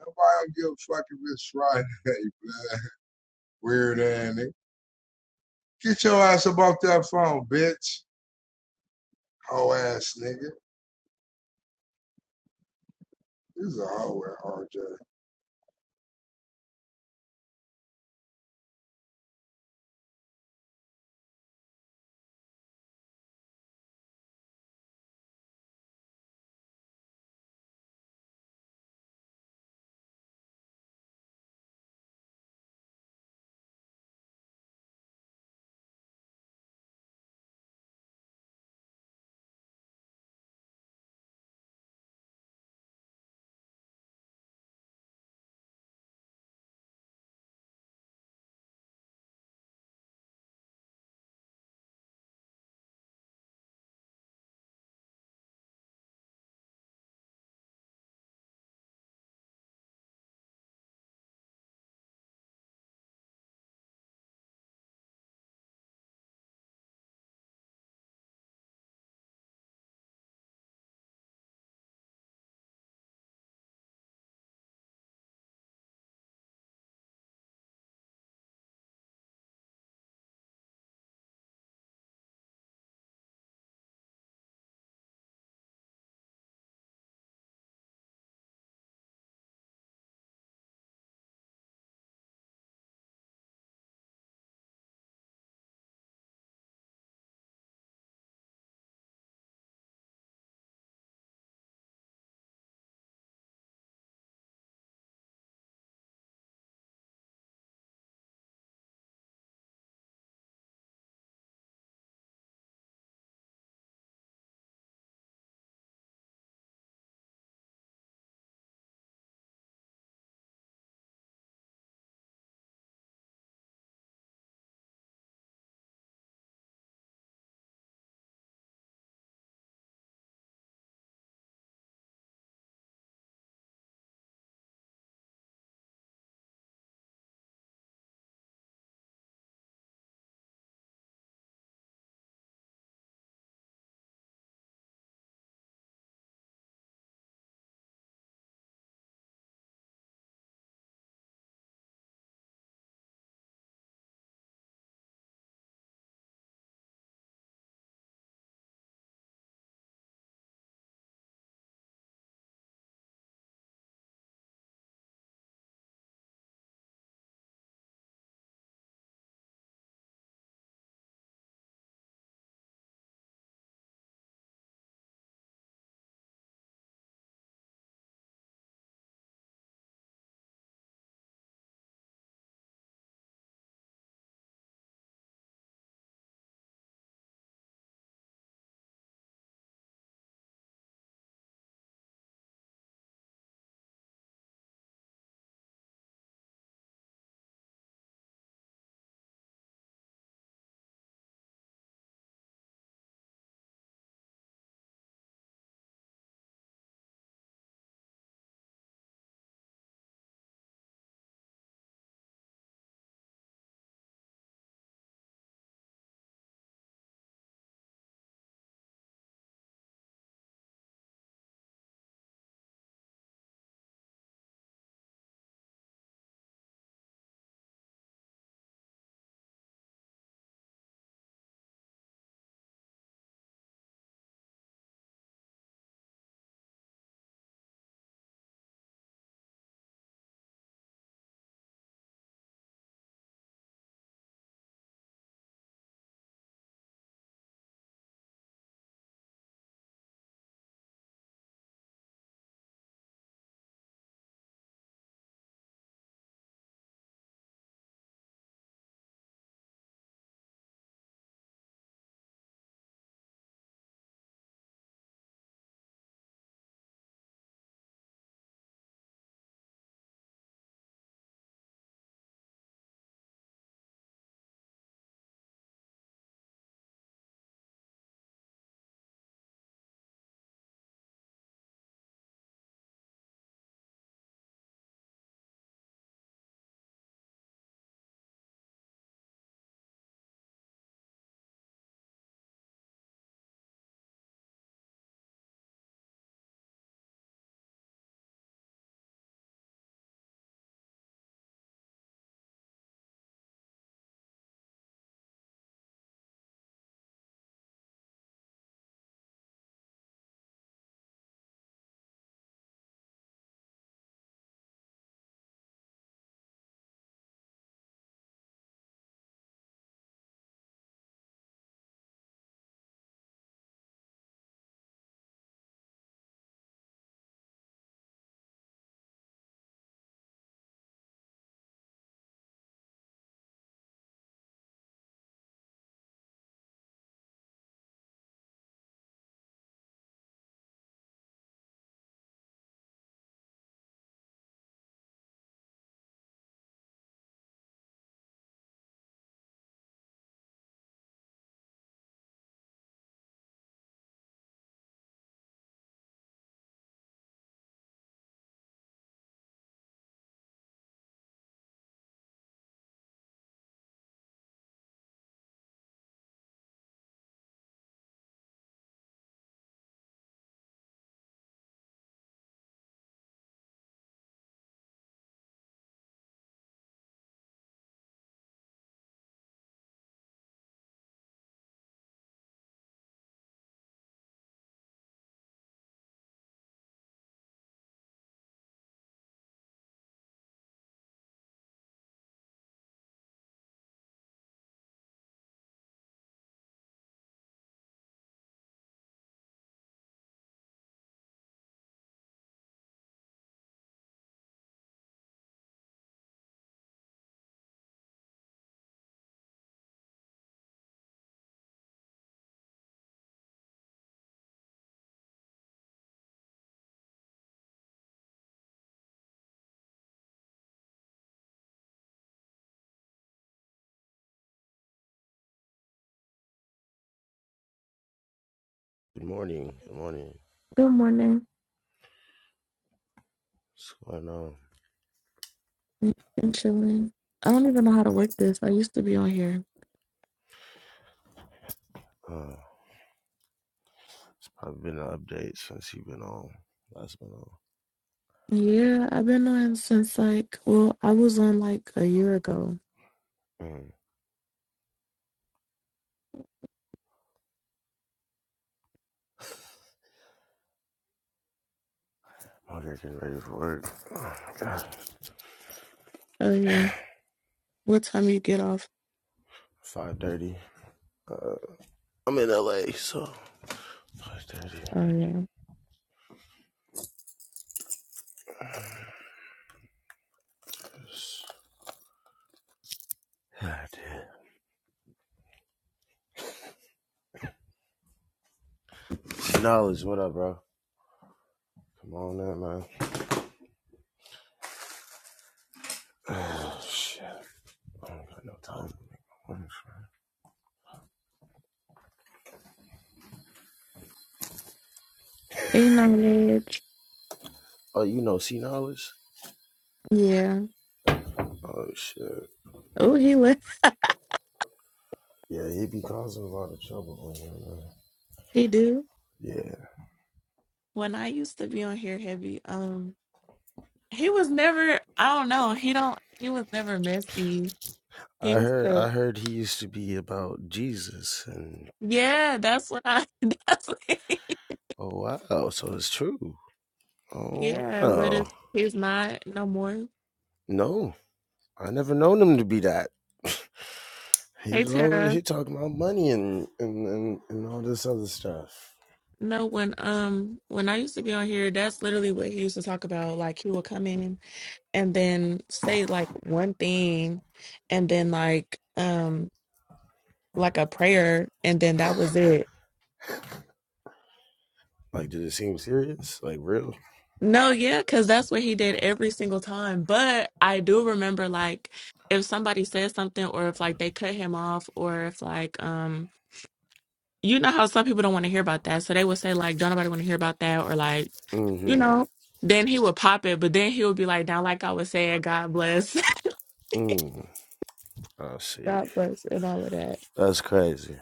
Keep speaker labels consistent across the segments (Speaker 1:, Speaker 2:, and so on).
Speaker 1: Nobody don't give a fuck if it's Friday, man. Weird ass nigga. Get your ass up off that phone, bitch. Hoe ass nigga. This is a hoe ass RJ.
Speaker 2: Good morning. Good morning.
Speaker 3: Good morning.
Speaker 2: What's going on?
Speaker 3: Been chilling. I don't even know how to work this. I used to be on here.
Speaker 2: Uh, it's probably been an update since you've been on. Last been on.
Speaker 3: Yeah, I've been on since like, well, I was on like a year ago.
Speaker 2: Mm. I'm here getting ready for work. Oh my god.
Speaker 3: Oh yeah. What time you get off?
Speaker 2: Five thirty. Uh, I'm in LA, so five thirty.
Speaker 3: Oh yeah.
Speaker 2: God damn. Knowledge, what up, bro? Come on in, man. Oh shit. I don't got no time to make my money. man.
Speaker 3: Hey, knowledge.
Speaker 2: Oh, you know, C knowledge?
Speaker 3: Yeah.
Speaker 2: Oh shit.
Speaker 3: Oh, he left.
Speaker 2: Yeah, he be causing a lot of trouble on here, man.
Speaker 3: He do.
Speaker 2: Yeah.
Speaker 3: When I used to be on here heavy, um, he was never. I don't know. He don't. He was never messy. He
Speaker 2: I
Speaker 3: was
Speaker 2: heard I
Speaker 3: the.
Speaker 2: heard he used to be about Jesus and
Speaker 3: Yeah, that's what I. That's what,
Speaker 2: oh wow, so it's true. Oh
Speaker 3: yeah, but if
Speaker 2: wow.
Speaker 3: he's not no more.
Speaker 2: No. I never known him to be that. He
Speaker 3: Hey
Speaker 2: was
Speaker 3: Tara.
Speaker 2: always he talking about money and, and, and, and all this other stuff.
Speaker 3: No, when um when I used to be on here, that's literally what he used to talk about. Like he would come in and then say like one thing and then like um like a prayer and then that was it.
Speaker 2: Like did it seem serious? Like real?
Speaker 3: No, yeah, because that's what he did every single time. But I do remember like if somebody said something or if like they cut him off or if like um you know how some people don't want to hear about that. So they would say, like, don't nobody want to hear about that, or like, you
Speaker 2: Mm-hmm.
Speaker 3: know, then he would pop it, but then he would be like, now, like I was saying, God bless,
Speaker 2: Mm. I see.
Speaker 3: God bless, and all of that.
Speaker 2: That's crazy.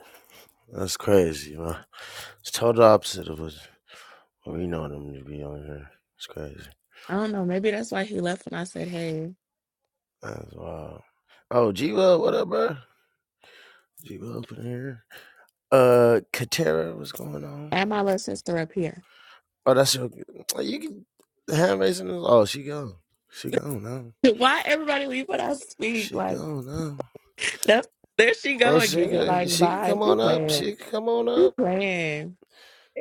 Speaker 2: That's crazy, man. It's total opposite of what we know them to be on here. It's crazy.
Speaker 3: I don't know. Maybe that's why he left when I said, hey,
Speaker 2: That's wild. Oh, G Well, what up, bro? G Well up in here. Uh, Katera, what's going on?
Speaker 3: add my little sister up here.
Speaker 2: Oh, that's your. You can the hand raising. Is, oh, she gone. She gone now.
Speaker 3: Why everybody leave when I speak?
Speaker 2: She
Speaker 3: Like,
Speaker 2: gone now.
Speaker 3: that's, there she
Speaker 2: Oh,
Speaker 3: go
Speaker 2: she
Speaker 3: again. Yeah,
Speaker 2: can.
Speaker 3: Like,
Speaker 2: She can
Speaker 3: bye.
Speaker 2: come
Speaker 3: She
Speaker 2: on up.
Speaker 3: playing.
Speaker 2: She can come on
Speaker 3: She
Speaker 2: up.
Speaker 3: playing.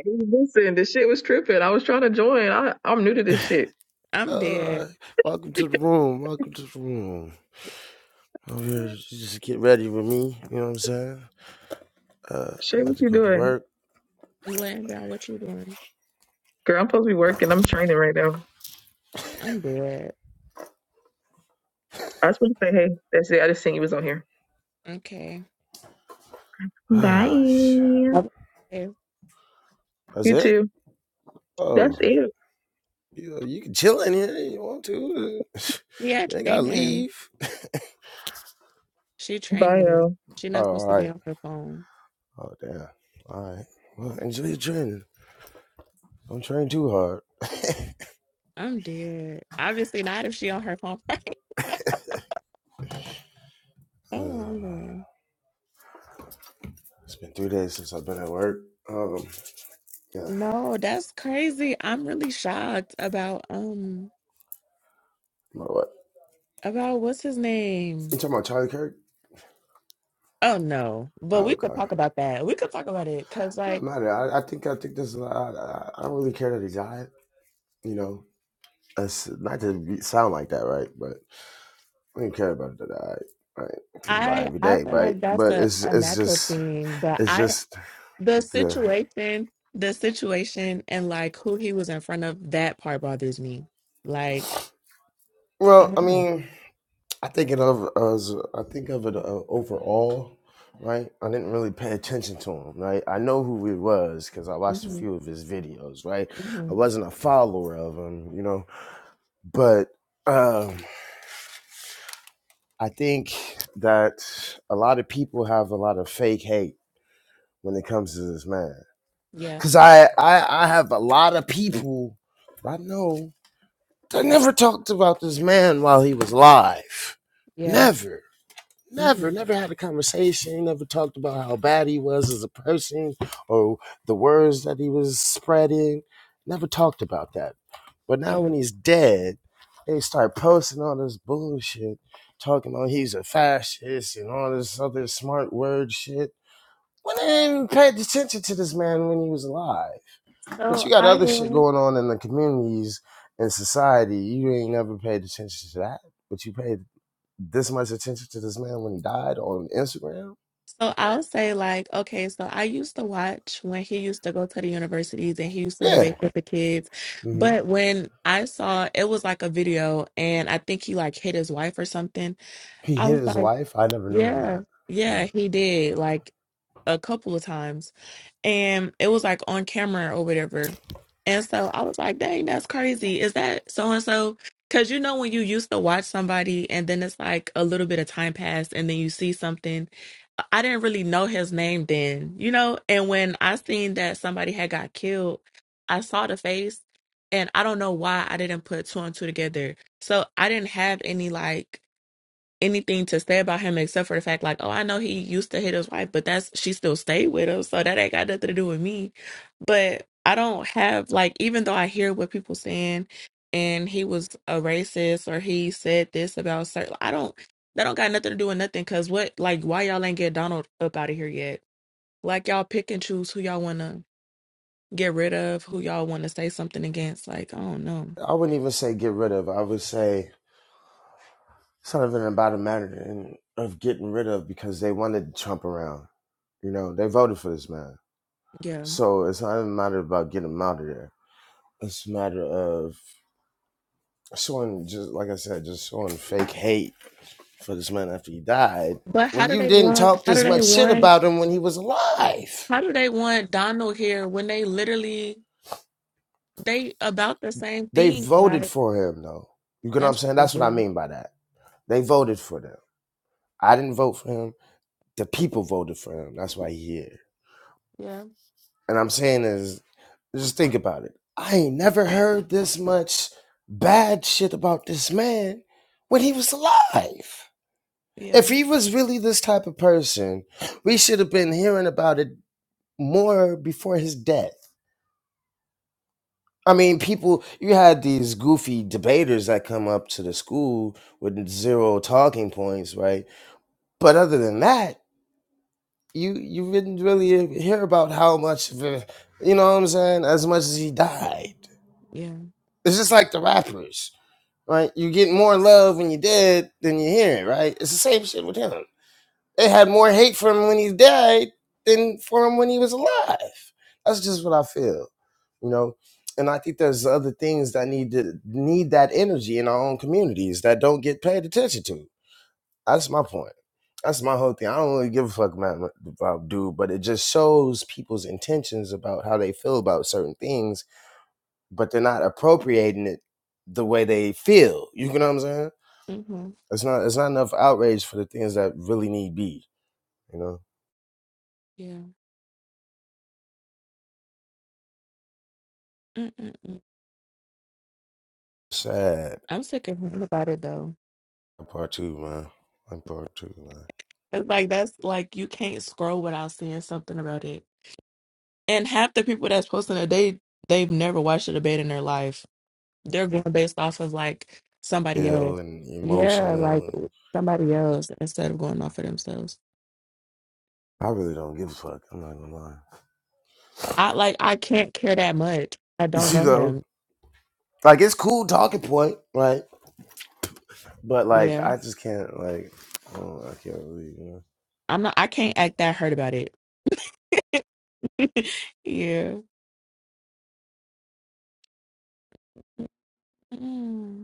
Speaker 4: Listen, this shit was tripping. I was trying to join. I, I'm new to this shit.
Speaker 3: I'm dead.
Speaker 2: Uh, welcome to the room. Welcome to the room. Over here, just get ready with me. You know what I'm saying? Uh, I'm
Speaker 4: Shit,
Speaker 2: about
Speaker 4: what
Speaker 2: to
Speaker 4: you
Speaker 2: go to
Speaker 4: doing?
Speaker 2: work.
Speaker 3: Landon, what you doing?
Speaker 4: Girl, I'm supposed to be working. I'm training right now.
Speaker 3: I'm dead.
Speaker 4: I just want to say, hey, that's it. I just seen you was on here.
Speaker 3: Okay.
Speaker 4: Bye.
Speaker 2: That's
Speaker 4: You
Speaker 3: Yep. Okay.
Speaker 2: it.
Speaker 4: too. That's
Speaker 2: Oh,
Speaker 4: it.
Speaker 2: you you can chill in here. if You want to?
Speaker 3: Yeah, I
Speaker 2: You ain't gotta
Speaker 3: trained him.
Speaker 2: leave.
Speaker 3: She trained
Speaker 4: Bye,
Speaker 3: him.
Speaker 4: y'all.
Speaker 3: She's
Speaker 2: Oh,
Speaker 3: not
Speaker 2: all
Speaker 3: supposed to be
Speaker 2: right.
Speaker 3: on her phone.
Speaker 2: Oh damn. All right. Well, enjoy your training. Don't train too hard.
Speaker 3: I'm dead. Obviously not if she on her phone. oh,
Speaker 2: Uh,
Speaker 3: I'm going.
Speaker 2: it's been three days since I've been at work. Um, yeah.
Speaker 3: No, that's crazy. I'm really shocked about um
Speaker 2: My what?
Speaker 3: about what's his
Speaker 2: You
Speaker 3: name.
Speaker 2: talking about Charlie Kirk?
Speaker 3: Oh no, but
Speaker 2: Oh,
Speaker 3: we
Speaker 2: okay.
Speaker 3: could talk
Speaker 2: It
Speaker 3: about that. We could talk about it because
Speaker 2: don't
Speaker 3: like
Speaker 2: matter. I, I think I think this. I, I, I don't really care that he died. You know, it's not to be, sound like that, right? But I didn't care about it that. All right, right? People die
Speaker 3: I
Speaker 2: every
Speaker 3: I
Speaker 2: day,
Speaker 3: feel
Speaker 2: right?
Speaker 3: like that's
Speaker 2: But
Speaker 3: a,
Speaker 2: it's
Speaker 3: a
Speaker 2: it's
Speaker 3: natural
Speaker 2: just
Speaker 3: thing, but
Speaker 2: it's
Speaker 3: I
Speaker 2: just
Speaker 3: the
Speaker 2: the
Speaker 3: situation the situation and like who he was in front of that part bothers me like i
Speaker 2: well. I
Speaker 3: don't know
Speaker 2: mean. I think it of as I think of it uh, overall, right? I didn't really pay attention to him, right? I know who he was because I watched a
Speaker 3: hmm
Speaker 2: few of his videos, right? I
Speaker 3: hmm
Speaker 2: wasn't a follower of him, you know, but um, I think that a lot of people have a lot of fake hate when it comes to this man,
Speaker 3: yeah
Speaker 2: because I, I I have a lot of people I know that never talked about this man while he was alive,
Speaker 3: yeah
Speaker 2: never
Speaker 3: hmm
Speaker 2: Never, never had a conversation, never talked about how bad he was as a person or the words that he was spreading. Never talked about that. But now
Speaker 3: yeah
Speaker 2: when he's dead, they start posting all this bullshit, talking about he's a fascist and all this other smart word shit. When they didn't even pay attention to this man when he was alive. But
Speaker 3: so
Speaker 2: you got
Speaker 3: i
Speaker 2: other shit
Speaker 3: will
Speaker 2: going on in the communities and society. You ain't never paid attention to that. But you paid this much attention to this man when he died on Instagram?
Speaker 3: so i'll say like okay so i used to watch when he used to go to the universities and he used to
Speaker 2: Yeah.
Speaker 3: debate with the kids
Speaker 2: hmm
Speaker 3: but when i saw it was like a video and i think he like hit his wife or something
Speaker 2: He
Speaker 3: i
Speaker 2: hit
Speaker 3: was
Speaker 2: his
Speaker 3: like
Speaker 2: wife. I never known
Speaker 3: yeah
Speaker 2: that.
Speaker 3: yeah,
Speaker 2: Mm.
Speaker 3: he did. Like a couple of times and it was like on camera or whatever. And so I was like, dang, that's crazy. Is that so and so? Because you know, when you used to watch somebody and then it's like a little bit of time passed and then you see something, I I didn't really know his name then, you know? And when I seen that somebody had got killed, I saw the face and I don't know why I didn't put two and two together. So I didn't have any like anything to say about him except for the fact like oh i know he used to hit his wife but that's she still stayed with him so that ain't got nothing to do with me but i don't have like even though i hear what people saying and he was a racist or he said this about certain i don't that don't got nothing to do with nothing because what like why y'all ain't get donald up out of here yet like y'all pick and choose who y'all want to get rid of who y'all want to say something against like i don't know
Speaker 2: I wouldn't even say get rid of. I would say it's not even about a matter of getting rid of because they wanted Trump around. You know, they voted for this man.
Speaker 3: yeah
Speaker 2: So it's not even a matter about getting him out of there. It's a matter of showing, just like I said, just showing fake hate for this man after he died.
Speaker 3: but how
Speaker 2: When
Speaker 3: do
Speaker 2: you
Speaker 3: they
Speaker 2: didn't
Speaker 3: want
Speaker 2: talk
Speaker 3: how do
Speaker 2: this
Speaker 3: they
Speaker 2: much shit
Speaker 3: want?
Speaker 2: about him when he was alive
Speaker 3: How do they want Donald here when they literally they about the same
Speaker 2: They
Speaker 3: thing?
Speaker 2: voted
Speaker 3: Like
Speaker 2: for him though. You get what I'm
Speaker 3: that's
Speaker 2: saying? That's what I
Speaker 3: crazy.
Speaker 2: mean by that. They voted for them. I didn't vote for him. The people voted for him. That's why he here.
Speaker 3: Yeah,
Speaker 2: And I'm saying is just think about it. I ain't never heard this much bad shit about this man when he was alive.
Speaker 3: yeah,
Speaker 2: If he was really this type of person, we should have been hearing about it more before his death. I mean, people, you had these goofy debaters that come up to the school with zero talking points, right? But other than that, you you didn't really hear about how much of a, you know what I'm saying, as much as he died.
Speaker 3: yeah.
Speaker 2: It's just like the rappers, right? You get more love when you're dead than you hear it, right? It's the same shit with him. They had more hate for him when he died than for him when he was alive. That's just what I feel, you know. And I think there's other things that need to need that energy in our own communities that don't get paid attention to. That's my point. That's my whole thing. I don't really give a fuck about, about dude, but it just shows people's intentions about how they feel about certain things, but they're not appropriating it the way they feel. You know what I'm saying?
Speaker 3: hmm
Speaker 2: It's not. It's not enough outrage for the things that really need be. You know,
Speaker 3: Yeah. Mm-mm-mm.
Speaker 2: sad.
Speaker 3: I'm sick of hearing about it though.
Speaker 2: Part two, man. Like part two, man.
Speaker 3: It's like that's like you can't scroll without seeing something about it. And half the people that's posting it, they they've never watched a debate in their life. They're going based off of like somebody else.
Speaker 2: Ill and
Speaker 3: Yeah,
Speaker 2: emotional.
Speaker 3: like somebody else instead of going off of themselves.
Speaker 2: I really don't give a fuck. I'm not gonna lie.
Speaker 3: I like I can't care that much. I don't
Speaker 2: You
Speaker 3: know him.
Speaker 2: know, like it's cool talking point, right? But like,
Speaker 3: Yeah.
Speaker 2: I just can't like. Oh, I can't believe you know.
Speaker 3: I'm not I can't act that hurt about it. Yeah. Mm.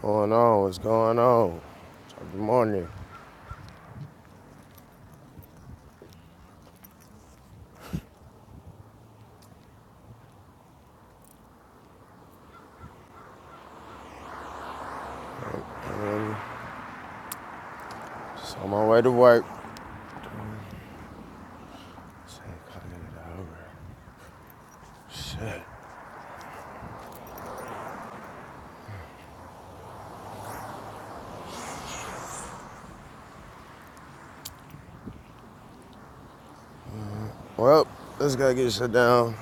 Speaker 2: Going on, what's going on? So, Good morning. Just on my way to work. Shit, Shit. Well, let's gotta get shut down.